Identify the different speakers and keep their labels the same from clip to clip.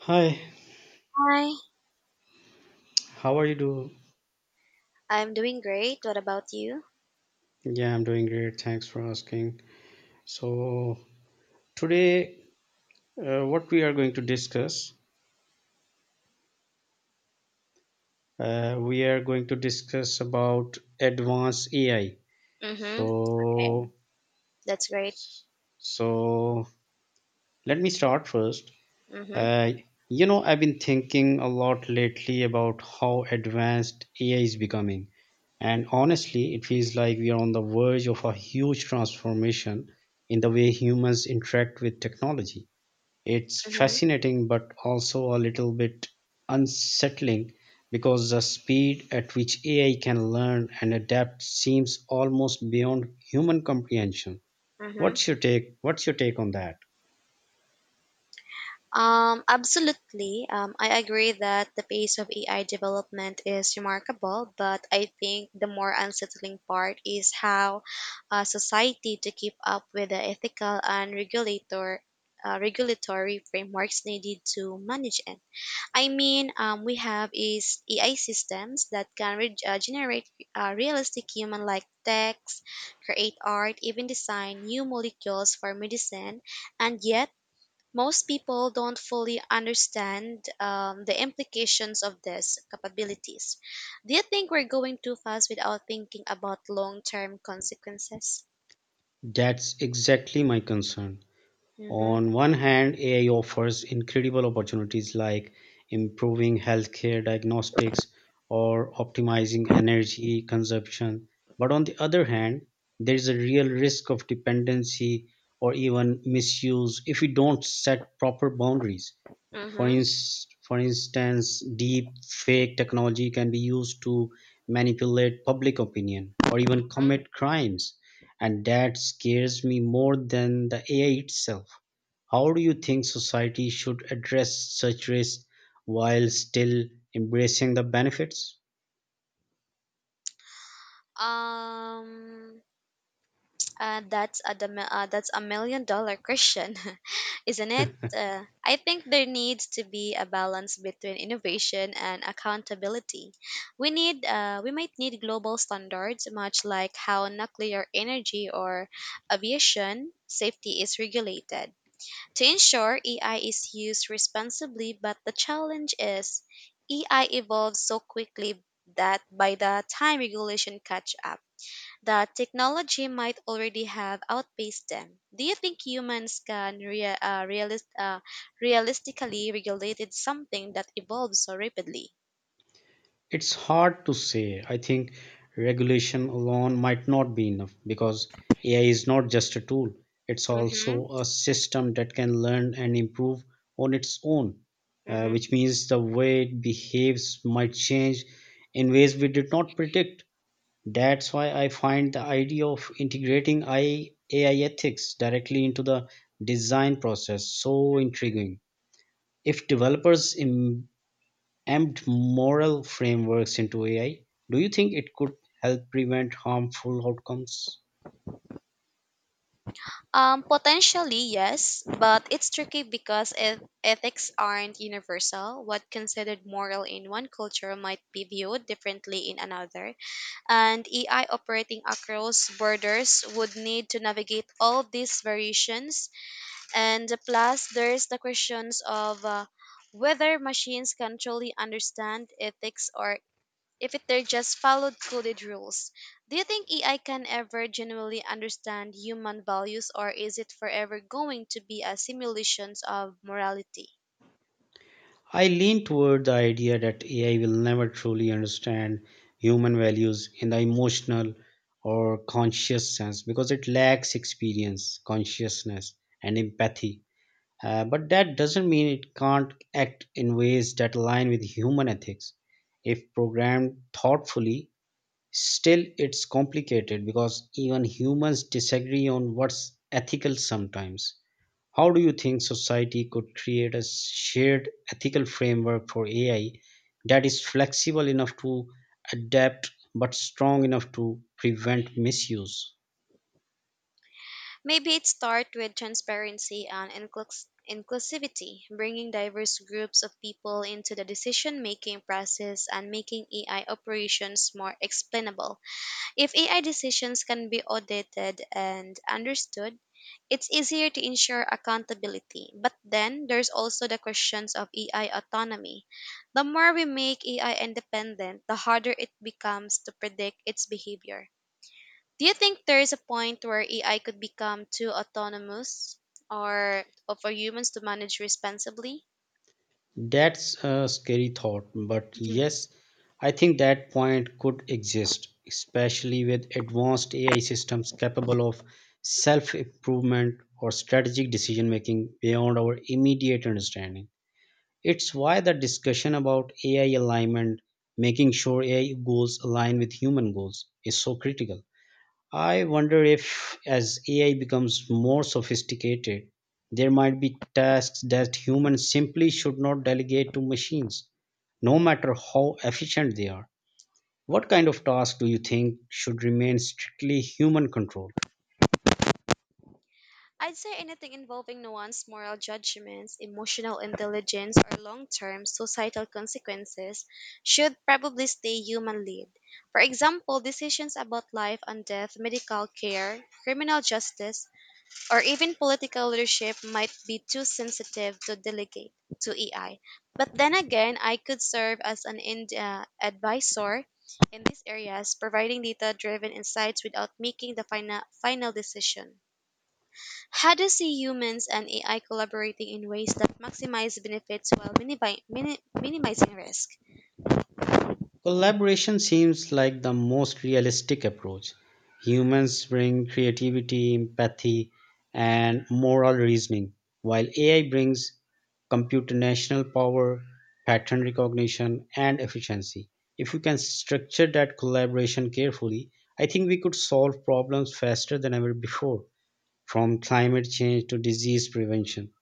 Speaker 1: Hi,
Speaker 2: Hi,
Speaker 1: how are you doing?
Speaker 2: I'm doing great. What about you?
Speaker 1: Yeah, I'm doing great. Thanks for asking. So, today, what we are going to discuss, we are going to discuss about advanced AI.
Speaker 2: Mm-hmm. Okay.
Speaker 1: So,
Speaker 2: That's great.
Speaker 1: so, let me start first.
Speaker 2: Mm-hmm.
Speaker 1: Uh, you know, I've been thinking a lot lately about how advanced AI is becoming. And honestly, it feels like we are on the verge of a huge transformation in the way humans interact with technology. It's
Speaker 2: Mm-hmm.
Speaker 1: fascinating, but also a little bit unsettling because the speed at which AI can learn and adapt seems almost beyond human comprehension.
Speaker 2: Mm-hmm.
Speaker 1: What's your take? What's your take on that?
Speaker 2: Absolutely. I agree that the pace of AI development is remarkable, but I think the more unsettling part is how society to keep up with the ethical and regulatory frameworks needed to manage it. I mean, we have is AI systems that can generate realistic human-like text, create art, even design new molecules for medicine, and yet most people don't fully understand the implications of these capabilities. Do you think we're going too fast without thinking about long-term consequences?
Speaker 1: That's exactly my concern.
Speaker 2: Mm-hmm.
Speaker 1: On one hand, AI offers incredible opportunities like improving healthcare diagnostics or optimizing energy consumption. But on the other hand, there is a real risk of dependency or even misuse if we don't set proper boundaries. For instance, deep fake technology can be used to manipulate public opinion or even
Speaker 2: Mm-hmm.
Speaker 1: commit crimes. And that scares me more than the AI itself. How do you think society should address such risks while still embracing the benefits?
Speaker 2: Um. That's a million dollar question, isn't it? I think there needs to be a balance between innovation and accountability. We might need global standards, much like how nuclear energy or aviation safety is regulated, to ensure AI is used responsibly. But the challenge is, AI evolves so quickly that by the time regulation catch up that technology might already have outpaced them. Do you think humans can realistically regulate it something that evolves so rapidly?
Speaker 1: It's hard to say. I think regulation alone might not be enough because AI is not just a tool, it's
Speaker 2: Mm-hmm.
Speaker 1: also a system that can learn and improve on its own,
Speaker 2: Mm-hmm.
Speaker 1: which means the way it behaves might change in ways we did not predict. That's why I find the idea of integrating AI ethics directly into the design process so intriguing. If developers embed moral frameworks into AI, do you think it could help prevent harmful outcomes?
Speaker 2: Potentially, yes, but it's tricky because ethics aren't universal. What considered moral in one culture might be viewed differently in another, and AI operating across borders would need to navigate all these variations. And plus, there's the questions of whether machines can truly understand ethics or if it, they're just followed coded rules. Do you think AI can ever genuinely understand human values or is it forever going to be a simulation of morality?
Speaker 1: I lean toward the idea that AI will never truly understand human values in the emotional or conscious sense because it lacks experience, consciousness, and empathy. But that doesn't mean it can't act in ways that align with human ethics. If programmed thoughtfully, still it's complicated because even humans disagree on what's ethical sometimes. How do you think society could create a shared ethical framework for AI that is flexible enough to adapt but strong enough to prevent misuse?
Speaker 2: Maybe it starts with transparency and inclusivity, bringing diverse groups of people into the decision making process and making AI operations more explainable. If AI decisions can be audited and understood, it's easier to ensure accountability. But then there's also the questions of AI autonomy. The more we make AI independent, the harder it becomes to predict its behavior. Do you think there is a point where AI could become too autonomous or for humans to manage responsibly?
Speaker 1: That's a scary thought, but yes, I think that point could exist, especially with advanced AI systems capable of self improvement or strategic decision making beyond our immediate understanding. It's why the discussion about AI alignment, making sure AI goals align with human goals, is so critical. I wonder if, as AI becomes more sophisticated, there might be tasks that humans simply should not delegate to machines, no matter how efficient they are. What kind of tasks do you think should remain strictly human controlled?
Speaker 2: I'd say anything involving nuanced moral judgments, emotional intelligence, or long term societal consequences should probably stay human led. For example, decisions about life and death, medical care, criminal justice, or even political leadership might be too sensitive to delegate to AI. But then again, I could serve as an advisor in these areas, providing data driven insights without making the final decision. How do you see humans and AI collaborating in ways that maximize benefits while minimizing risk?
Speaker 1: Collaboration seems like the most realistic approach. Humans bring creativity, empathy, and moral reasoning, while AI brings computational power, pattern recognition, and efficiency. If we can structure that collaboration carefully, I think we could solve problems faster than ever before, from climate change to disease prevention.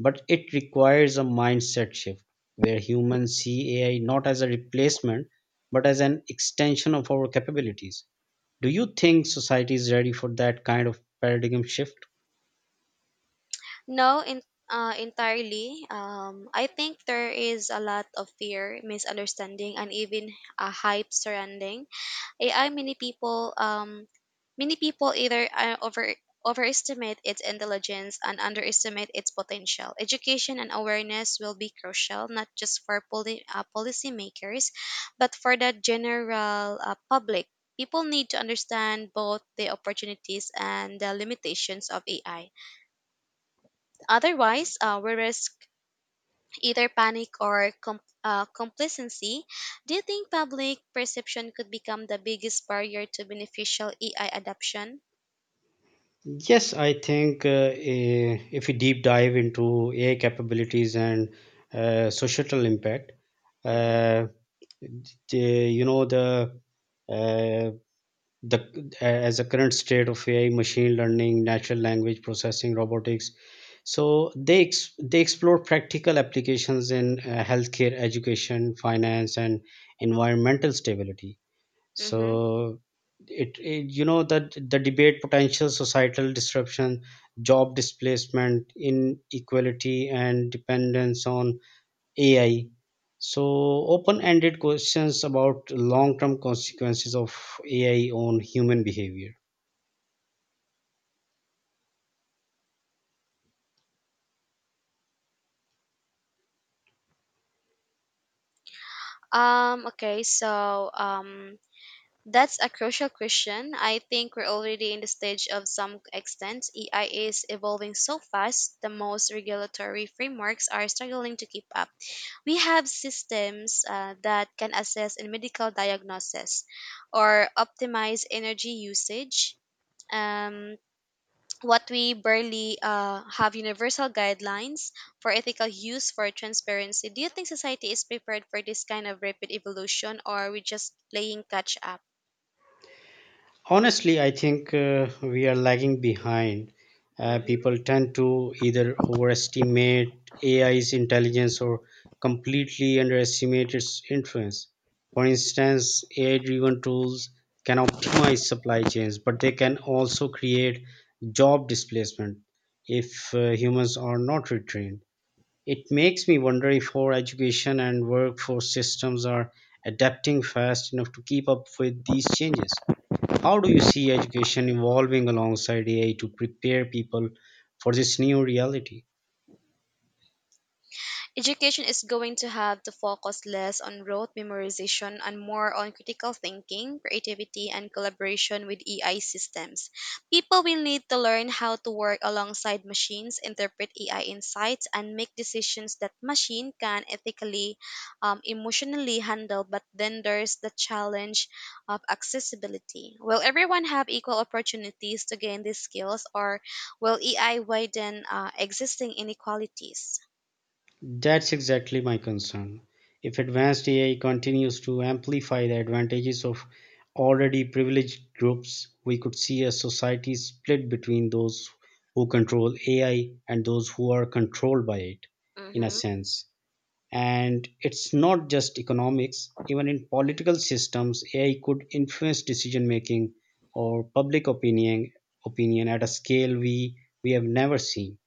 Speaker 1: But it requires a mindset shift where humans see AI not as a replacement but as an extension of our capabilities. Do you think society is ready for that kind of paradigm shift?
Speaker 2: No, entirely. I think there is a lot of fear, misunderstanding, and even a hype surrounding AI. Many people either overestimate its intelligence and underestimate its potential. Education and awareness will be crucial not just for policymakers but for the general public. People need to understand both the opportunities and the limitations of AI. Otherwise, we risk either panic or complacency. Do you think public perception could become the biggest barrier to beneficial AI adoption?
Speaker 1: Yes, I think if we deep dive into AI capabilities and societal impact,
Speaker 2: Hmm.
Speaker 1: uh, the, you know uh, the as a current state of AI, machine learning, natural language processing, robotics. So they explore practical applications in healthcare, education, finance, and environmental stability.
Speaker 2: Hmm.
Speaker 1: So it you know that the debate potential societal disruption, job displacement, inequality, and dependence on AI. So, open ended questions about long term consequences of AI on human behavior.
Speaker 2: Okay, so that's a crucial question. I think we're already in the stage of some extent. AI is evolving so fast, the most regulatory frameworks are struggling to keep up. We have systems that can assess in medical diagnosis or optimize energy usage, um, what we barely have universal guidelines for ethical use for transparency. Do you think society is prepared for this kind of rapid evolution, or are we just playing catch up?
Speaker 1: Honestly, I think we are lagging behind.
Speaker 2: Hmm.
Speaker 1: People tend to either overestimate AI's intelligence or completely underestimate its influence. For instance, AI driven tools can optimize supply chains, but they can also create job displacement if humans are not retrained. It makes me wonder if our education and workforce systems are adapting fast enough to keep up with these changes. How do you see education evolving alongside AI to prepare people for this new reality?
Speaker 2: Education is going to have to focus less on rote memorization and more on critical thinking, creativity, and collaboration with AI systems. People will need to learn how to work alongside machines, interpret AI insights, and make decisions that machine can ethically, emotionally handle. But then there's the challenge of accessibility. Will everyone have equal opportunities to gain these skills, or will AI widen existing inequalities?
Speaker 1: That's exactly my concern. If advanced AI continues to amplify the advantages of already privileged groups, we could see a society split between those who control AI and those who are controlled by it, in a sense. And it's not just economics, even in political systems AI could influence decision making or public opinion at a scale we have never seen.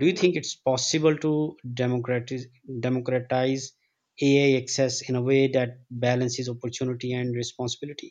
Speaker 1: Do you think it's possible to democratize AI access in a way that balances opportunity and responsibility?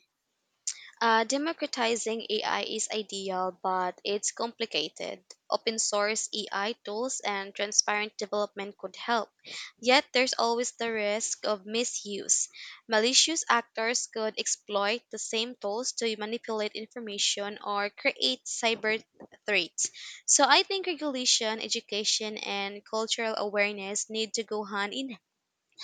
Speaker 2: Democratizing AI is ideal, but it's complicated. Open source AI tools and transparent development could help. Yet there's always the risk of misuse. Malicious actors could exploit the same tools to manipulate information or create cyber threats. So I think regulation, education, and cultural awareness need to go hand in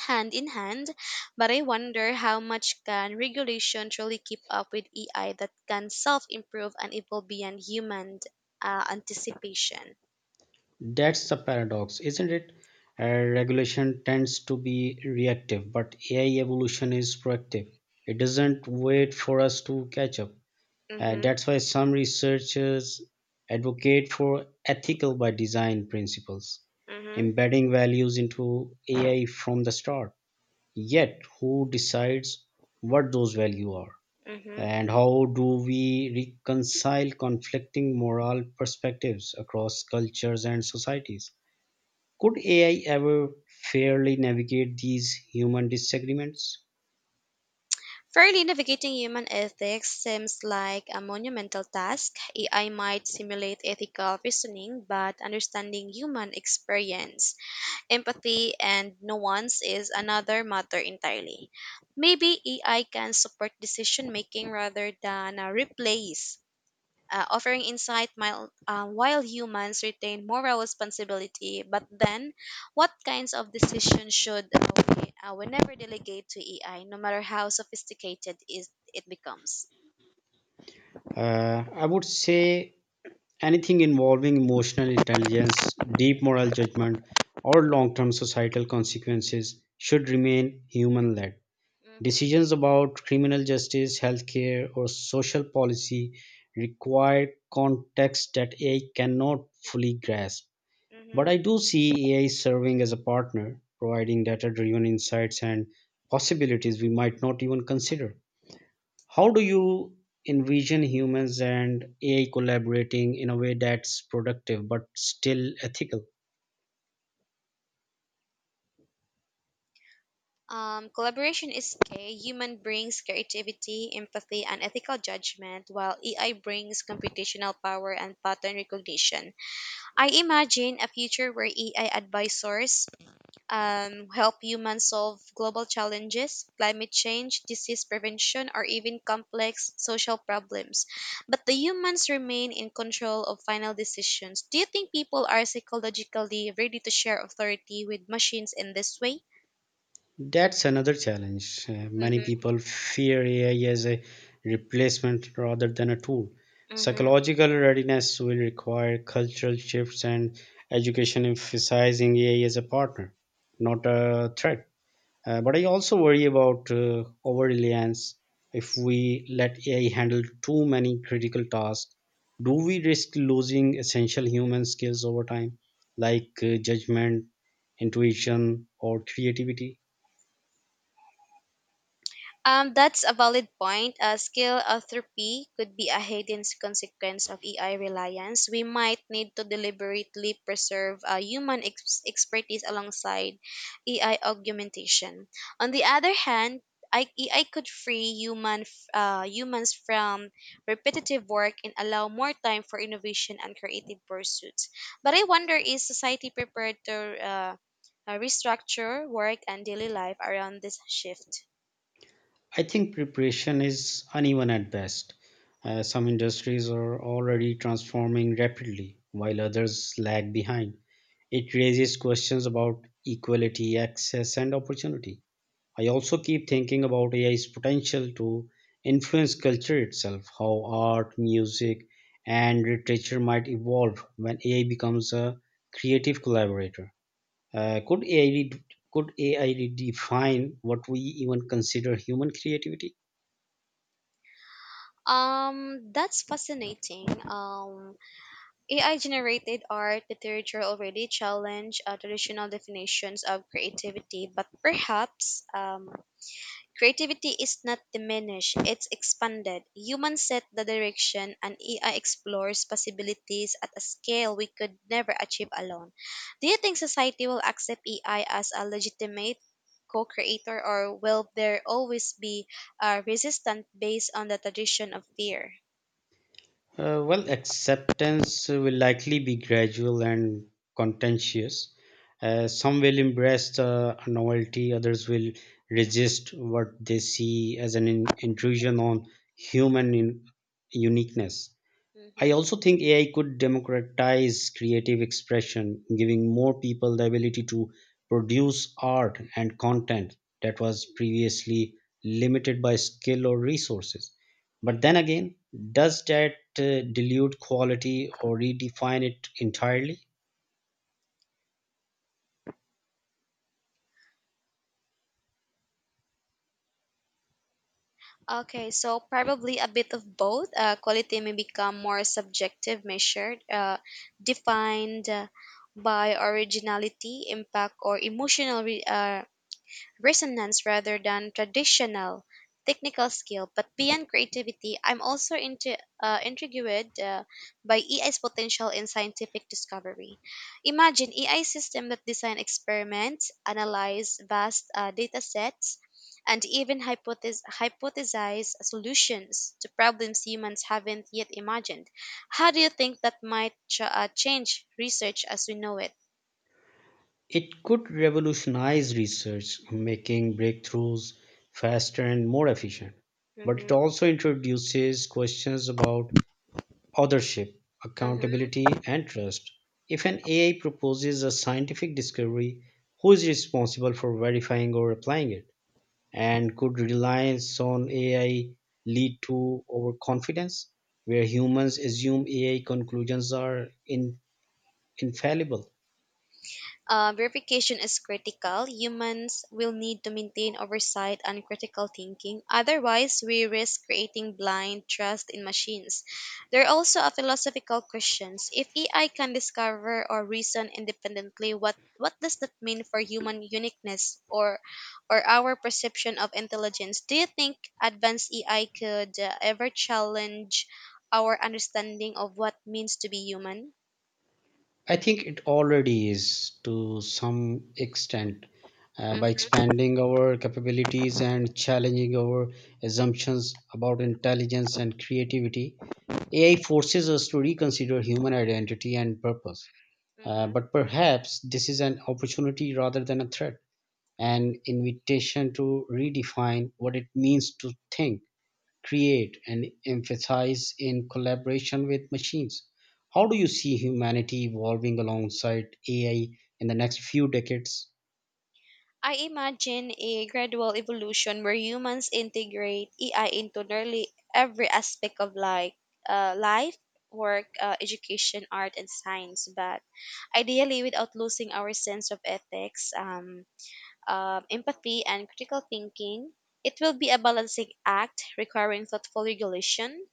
Speaker 2: hand in hand, but I wonder how much can regulation truly keep up with AI that can self-improve and evolve beyond human anticipation.
Speaker 1: That's the paradox, isn't it? Uh, regulation tends to be reactive, but AI evolution is proactive. It doesn't wait for us to catch up.
Speaker 2: Mm-hmm,
Speaker 1: That's why some researchers advocate for ethical by design principles,
Speaker 2: mm-hmm,
Speaker 1: embedding values into AI from the start. Yet, who decides what those values are?
Speaker 2: mm-hmm.
Speaker 1: And how do we reconcile conflicting moral perspectives across cultures and societies? Could AI ever fairly navigate these human disagreements?
Speaker 2: Fairly navigating human ethics seems like a monumental task. AI might simulate ethical reasoning, but understanding human experience, empathy and nuance is another matter entirely. Maybe AI can support decision making rather than replace, offering insight while humans retain moral responsibility. But then, what kinds of decisions should we never delegate to AI, no matter how sophisticated is it becomes?
Speaker 1: I would say anything involving emotional intelligence, deep moral judgment, or long term societal consequences should remain human led.
Speaker 2: Mm-hmm.
Speaker 1: Decisions about criminal justice, healthcare, or social policy require context that AI cannot fully grasp. But
Speaker 2: Mm-hmm.
Speaker 1: I do see AI serving as a partner, providing data driven insights and possibilities we might not even consider. How do you envision humans and AI collaborating in a way that's productive but still ethical?
Speaker 2: Collaboration is key. Human brings creativity, empathy, and ethical judgment, while AI brings computational power and pattern recognition. I imagine a future where AI advisors help humans solve global challenges, climate change, disease prevention, or even complex social problems. But the humans remain in control of final decisions. Do you think people are psychologically ready to share authority with machines in this way?
Speaker 1: That's another challenge. Many
Speaker 2: Mm-hmm,
Speaker 1: people fear AI as a replacement rather than a tool.
Speaker 2: mm-hmm.
Speaker 1: Psychological readiness will require cultural shifts and education emphasizing AI as a partner, not a threat. But I also worry about over reliance. If we let AI handle too many critical tasks, do we risk losing essential human skills over time, like judgment, intuition, or creativity?
Speaker 2: That's a valid point. Skill atrophy could be a hidden consequence of AI reliance. We might need to deliberately preserve human expertise alongside AI augmentation. On the other hand, AI could free humans from repetitive work and allow more time for innovation and creative pursuits. But I wonder is society prepared to uh, restructure work and daily life around this shift?
Speaker 1: I think preparation is uneven at best. Some industries are already transforming rapidly, while others lag behind. It raises questions about equality, access, and opportunity. I also keep thinking about AI's potential to influence culture itself, how art, music, and literature might evolve when AI becomes a creative collaborator. Uh, could AI re- could AI redefine what we even consider human creativity?
Speaker 2: That's fascinating. AI generated art, literature already challenge traditional definitions of creativity, but perhaps creativity is not diminished, it's expanded. Humans set the direction, and AI explores possibilities at a scale we could never achieve alone. Do you think society will accept AI as a legitimate co-creator or will there always be a resistance based on the tradition of fear?
Speaker 1: Well, acceptance will likely be gradual and contentious. Some will embrace the novelty, others will resist what they see as an intrusion on human in- uniqueness. I
Speaker 2: Mm-hmm.
Speaker 1: also think AI could democratize creative expression, giving more people the ability to produce art and content that was previously limited by skill or resources. But then
Speaker 2: Mm-hmm.
Speaker 1: again, does that dilute quality or redefine it entirely?
Speaker 2: Okay, so probably a bit of both. Quality may become more subjective, measured, defined by originality, impact, or emotional resonance rather than traditional technical skill. But beyond creativity, I'm also intrigued by EI's potential in scientific discovery. Imagine AI system that design experiments, analyze vast data sets, and even hypothesize solutions to problems humans haven't yet imagined. How do you think that might change research as we know it?
Speaker 1: It could revolutionize research, making breakthroughs faster and more efficient. But it
Speaker 2: Hmm.
Speaker 1: also introduces questions about authorship,
Speaker 2: Hmm.
Speaker 1: accountability, and trust. If an AI proposes a scientific discovery, who is responsible for verifying or applying it? And could reliance on AI lead to overconfidence, where humans assume AI conclusions are infallible?
Speaker 2: Verification is critical. Humans will need to maintain oversight and critical thinking. Otherwise, we risk creating blind trust in machines. There are also a philosophical questions. If AI can discover or reason independently, what does that mean for human uniqueness or our perception of intelligence? Do you think advanced AI could ever challenge our understanding of what means to be human?
Speaker 1: I think it already is to some extent. By
Speaker 2: Mhm.
Speaker 1: expanding our capabilities and challenging our assumptions about intelligence and creativity, AI forces us to reconsider human identity and purpose.
Speaker 2: Mhm.
Speaker 1: But perhaps this is an opportunity rather than a threat, an invitation to redefine what it means to think, create, and emphasize in collaboration with machines. How do you see humanity evolving alongside AI in the next few decades?
Speaker 2: I imagine a gradual evolution where humans integrate AI into nearly every aspect of like life, work, education, art, and science, but ideally without losing our sense of ethics, empathy, and critical thinking. It will be a balancing act requiring thoughtful regulation,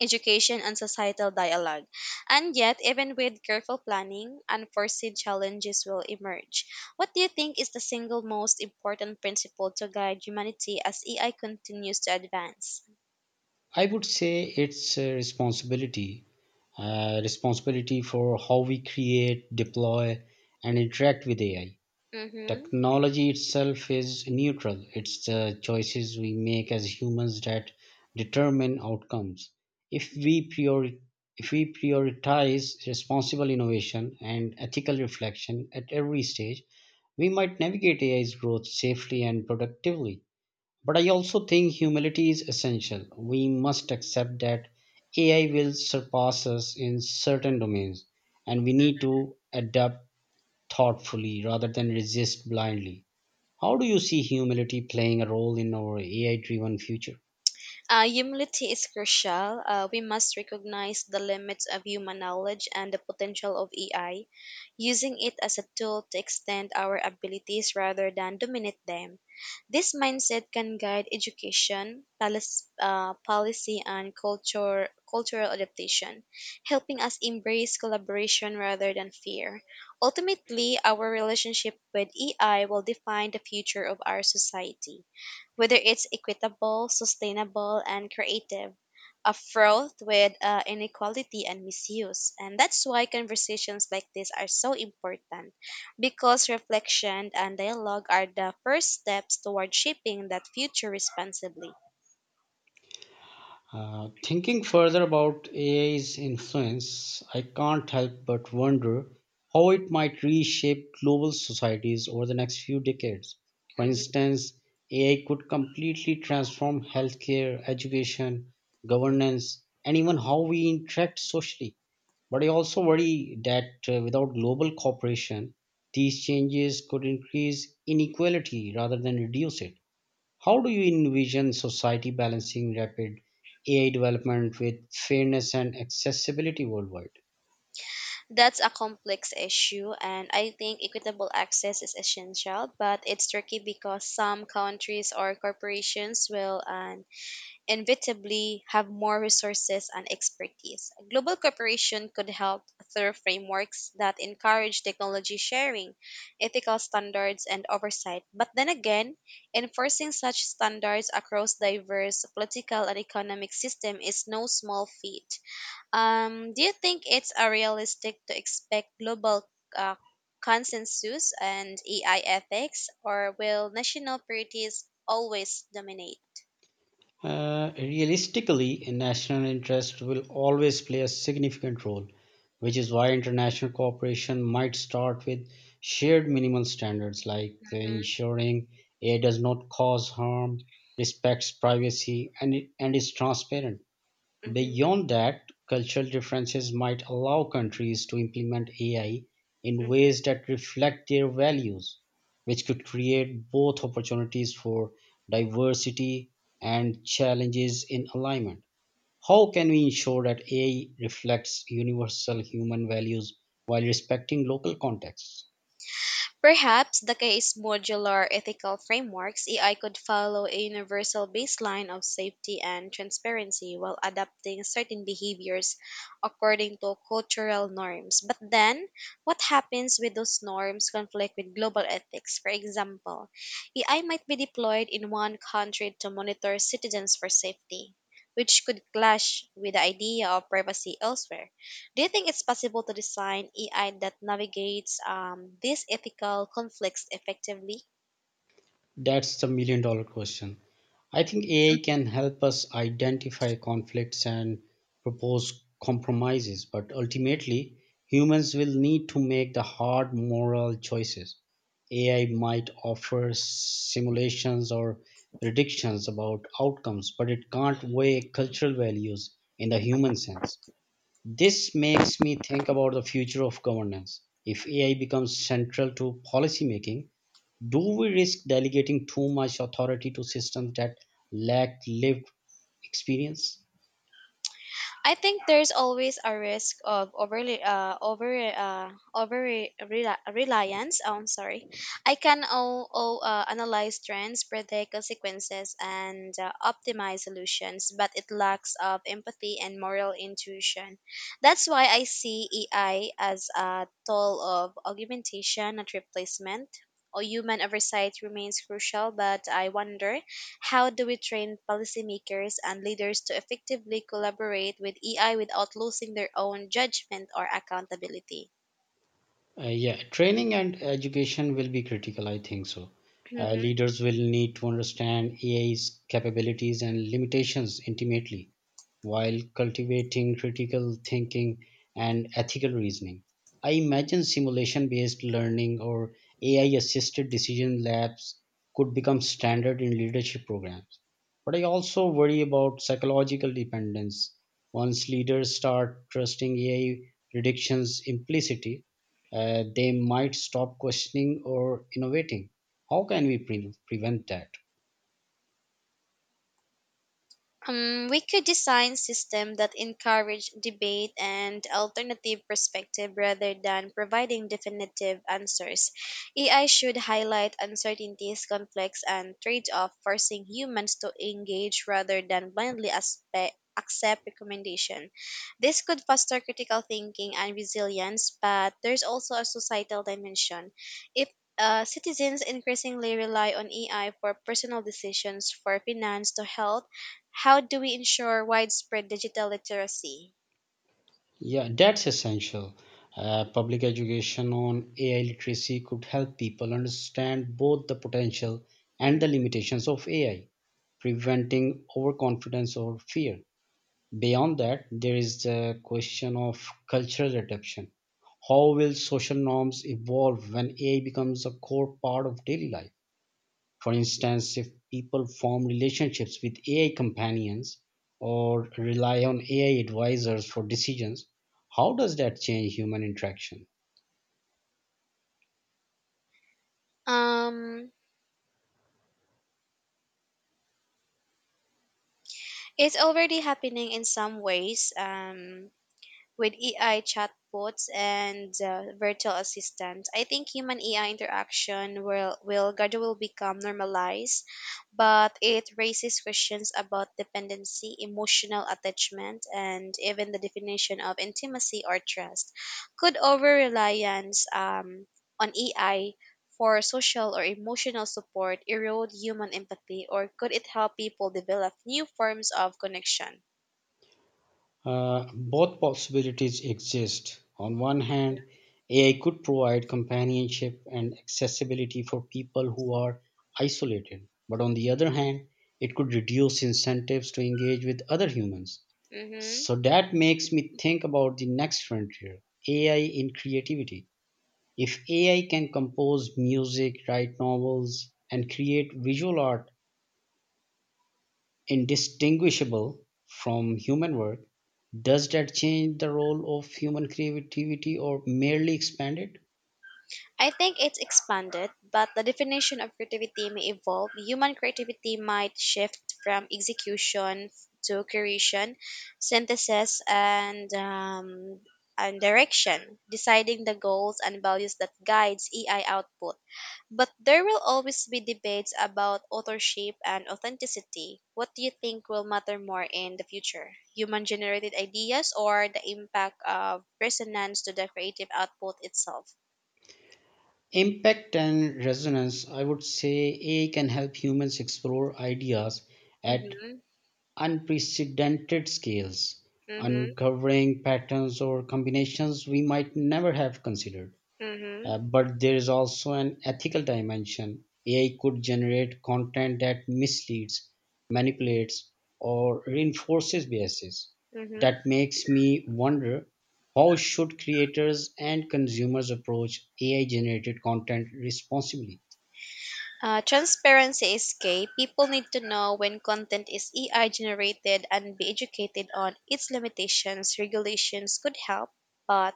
Speaker 2: education, and societal dialogue. And yet, even with careful planning, unforeseen challenges will emerge. What do you think is the single most important principle to guide humanity as AI continues to advance?
Speaker 1: I would say it's a responsibility, responsibility for how we create, deploy, and interact with AI.
Speaker 2: Mm-hmm.
Speaker 1: Technology itself is neutral, it's the choices we make as humans that determine outcomes. If we, priori- if we prioritize responsible innovation and ethical reflection at every stage, we might navigate AI's growth safely and productively. But I also think humility is essential. We must accept that AI will surpass us in certain domains, and we need to adapt thoughtfully rather than resist blindly. How do you see humility playing a role in our AI driven future?
Speaker 2: Humility is crucial. We must recognize the limits of human knowledge and the potential of AI, using it as a tool to extend our abilities rather than dominate them. This mindset can guide education, policy, and cultural adaptation, helping us embrace collaboration rather than fear. Ultimately, our relationship with AI will define the future of our society, whether it's equitable, sustainable, and creative, a froth with inequality and misuse. And that's why conversations like this are so important because reflection and dialogue are the first steps toward shaping that future responsibly.
Speaker 1: Thinking further about AI's influence, I can't help but wonder how it might reshape global societies over the next few decades. For
Speaker 2: Mhm.
Speaker 1: instance, AI could completely transform healthcare, education, governance, and even how we interact socially. But I also worry that without global cooperation, these changes could increase inequality rather than reduce it. How do you envision society balancing rapid AI development with fairness and accessibility worldwide?
Speaker 2: That's a complex issue, and I think equitable access is essential, but it's tricky because some countries or corporations will inevitably have more resources and expertise. Global cooperation could help through frameworks that encourage technology sharing, ethical standards, and oversight. But then again, enforcing such standards across diverse political and economic systems is no small feat. Do you think it's a realistic to expect global uh, consensus and AI ethics, or will national priorities always dominate?
Speaker 1: Realistically, national interest will always play a significant role, which is why international cooperation might start with shared minimal standards like
Speaker 2: Mm-hmm.
Speaker 1: ensuring AI does not cause harm, respects privacy, and is transparent. Beyond that, cultural differences might allow countries to implement AI in
Speaker 2: Mhm.
Speaker 1: ways that reflect their values, which could create both opportunities for diversity and challenges in alignment. How can we ensure that AI reflects universal human values while respecting local contexts?
Speaker 2: Perhaps the case modular ethical frameworks AI could follow a universal baseline of safety and transparency while adapting certain behaviors according to cultural norms. But then, what happens when those norms conflict with global ethics? For example, AI might be deployed in one country to monitor citizens for safety, which could clash with the idea of privacy elsewhere. Do you think it's possible to design AI that navigates these ethical conflicts effectively?
Speaker 1: That's the million dollar question. I think AI can help us identify conflicts and propose compromises, but ultimately, humans will need to make the hard moral choices. AI might offer simulations or predictions about outcomes, but it can't weigh cultural values in the human sense. This makes me think about the future of governance. If AI becomes central to policymaking, do we risk delegating too much authority to systems that lack lived experience?
Speaker 2: I think there's always a risk of overly reliance. Oh, I'm sorry. I can all analyze trends, predict consequences, and optimize solutions, but it lacks of empathy and moral intuition. That's why I see AI as a tool of augmentation, not replacement. Or human oversight remains crucial, but I wonder how do we train policymakers and leaders to effectively collaborate with AI without losing their own judgment or accountability?
Speaker 1: Yeah, training and education will be critical, I think so.
Speaker 2: Mhm.
Speaker 1: Leaders will need to understand AI's capabilities and limitations intimately while cultivating critical thinking and ethical reasoning. I imagine simulation based learning or AI assisted decision labs could become standard in leadership programs. But I also worry about psychological dependence. Once leaders start trusting AI predictions implicitly, they might stop questioning or innovating. How can we prevent that?
Speaker 2: We could design system that encourage debate and alternative perspective rather than providing definitive answers. AI should highlight uncertainties, conflicts, and trade-off, forcing humans to engage rather than blindly accept recommendation. This could foster critical thinking and resilience, but there's also a societal dimension. If citizens increasingly rely on AI for personal decisions, for finance to health, how do we ensure widespread digital literacy?
Speaker 1: Yeah, that's essential. Public education on AI literacy could help people understand both the potential and the
Speaker 2: Mhm.
Speaker 1: limitations of AI, preventing overconfidence or fear. Beyond that, there is the question of cultural adaptation. How will social norms evolve when AI becomes a core part of daily life? For instance, if people form relationships with AI companions or rely on AI advisors for decisions, how does that change human interaction?
Speaker 2: Um, it's already happening in some ways. With AI chatbots and virtual assistants, I think human AI interaction will gradually become normalized, but it raises questions about dependency, emotional attachment, and even the definition of intimacy or trust. Could over reliance on AI for social or emotional support erode human empathy, or could it help people develop new forms of connection?
Speaker 1: Both possibilities exist. On one hand, AI could provide companionship and accessibility for people who are isolated. But on the other hand, it could reduce incentives to engage with other humans.
Speaker 2: Mm-hmm.
Speaker 1: So that makes me think about the next frontier, AI in creativity. If AI can compose music, write novels, and create visual art indistinguishable from human work, does that change the role of human creativity or merely expand it?
Speaker 2: I think it's expanded, but the definition of creativity may evolve. Human creativity might shift from execution to creation, synthesis, and direction, deciding the goals and values that guides AI output. But there will always be debates about authorship and authenticity. What do you think will matter more in the future? Human generated ideas or the impact of resonance to the creative output itself?
Speaker 1: Impact and resonance, I would say AI can help humans explore ideas at
Speaker 2: Mhm.
Speaker 1: unprecedented scales,
Speaker 2: Mhm,
Speaker 1: uncovering patterns or combinations we might never have considered.
Speaker 2: mhm,
Speaker 1: But there is also an ethical dimension. AI could generate content that misleads, manipulates, or reinforces biases.
Speaker 2: mhm.
Speaker 1: That makes me wonder, how should creators and consumers approach AI generated content responsibly?
Speaker 2: Transparency is key. People need to know when content is AI generated and be educated on its limitations. Regulations could help, but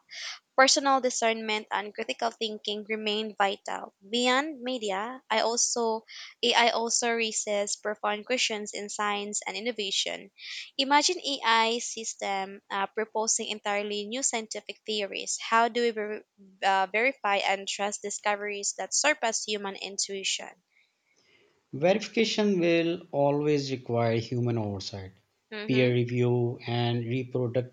Speaker 2: personal discernment and critical thinking remain vital. Beyond media, I also AI also raises profound questions in science and innovation. Imagine AI system proposing entirely new scientific theories. How do we verify and trust discoveries that surpass human intuition?
Speaker 1: Verification will always require human oversight,
Speaker 2: Mm-hmm,
Speaker 1: peer review, and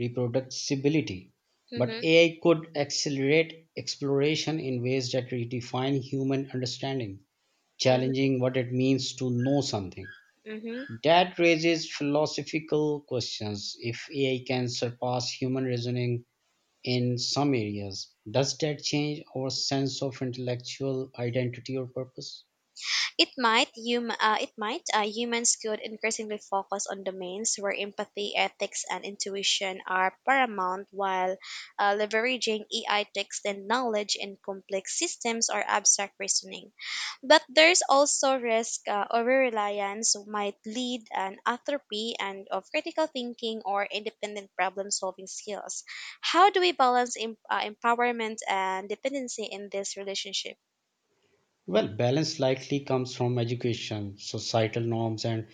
Speaker 1: reproducibility, but
Speaker 2: mm-hmm,
Speaker 1: AI could accelerate exploration in ways that redefine human understanding,
Speaker 2: mm-hmm,
Speaker 1: challenging what it means to know something.
Speaker 2: mm-hmm.
Speaker 1: That raises philosophical questions. If AI can surpass human reasoning in some areas, does that change our sense of intellectual identity or purpose?
Speaker 2: It might hum- it might Humans could increasingly focus on domains where empathy, ethics, and intuition are paramount, while leveraging AI text and knowledge in complex systems or abstract reasoning. But there's also risk over reliance might lead an atrophy and of critical thinking or independent problem solving skills. How do we balance empowerment and dependency in this relationship?
Speaker 1: Well, balance likely comes from education, societal norms, and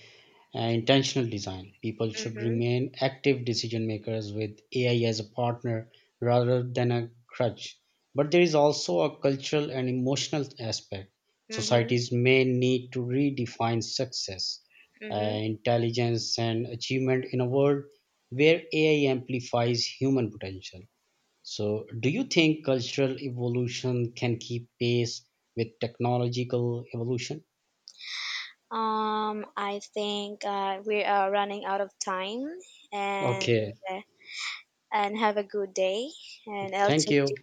Speaker 1: intentional design. People should
Speaker 2: Mm-hmm,
Speaker 1: remain active decision makers with AI as a partner rather than a crutch. But there is also a cultural and emotional aspect.
Speaker 2: mm-hmm,
Speaker 1: Societies may need to redefine success,
Speaker 2: mm-hmm.
Speaker 1: intelligence, and achievement in a world where AI amplifies human potential. So, do you think cultural evolution can keep pace with technological evolution?
Speaker 2: I think we are running out of time, and
Speaker 1: Okay,
Speaker 2: and have a good day. And I'll
Speaker 1: thank
Speaker 2: talk
Speaker 1: you.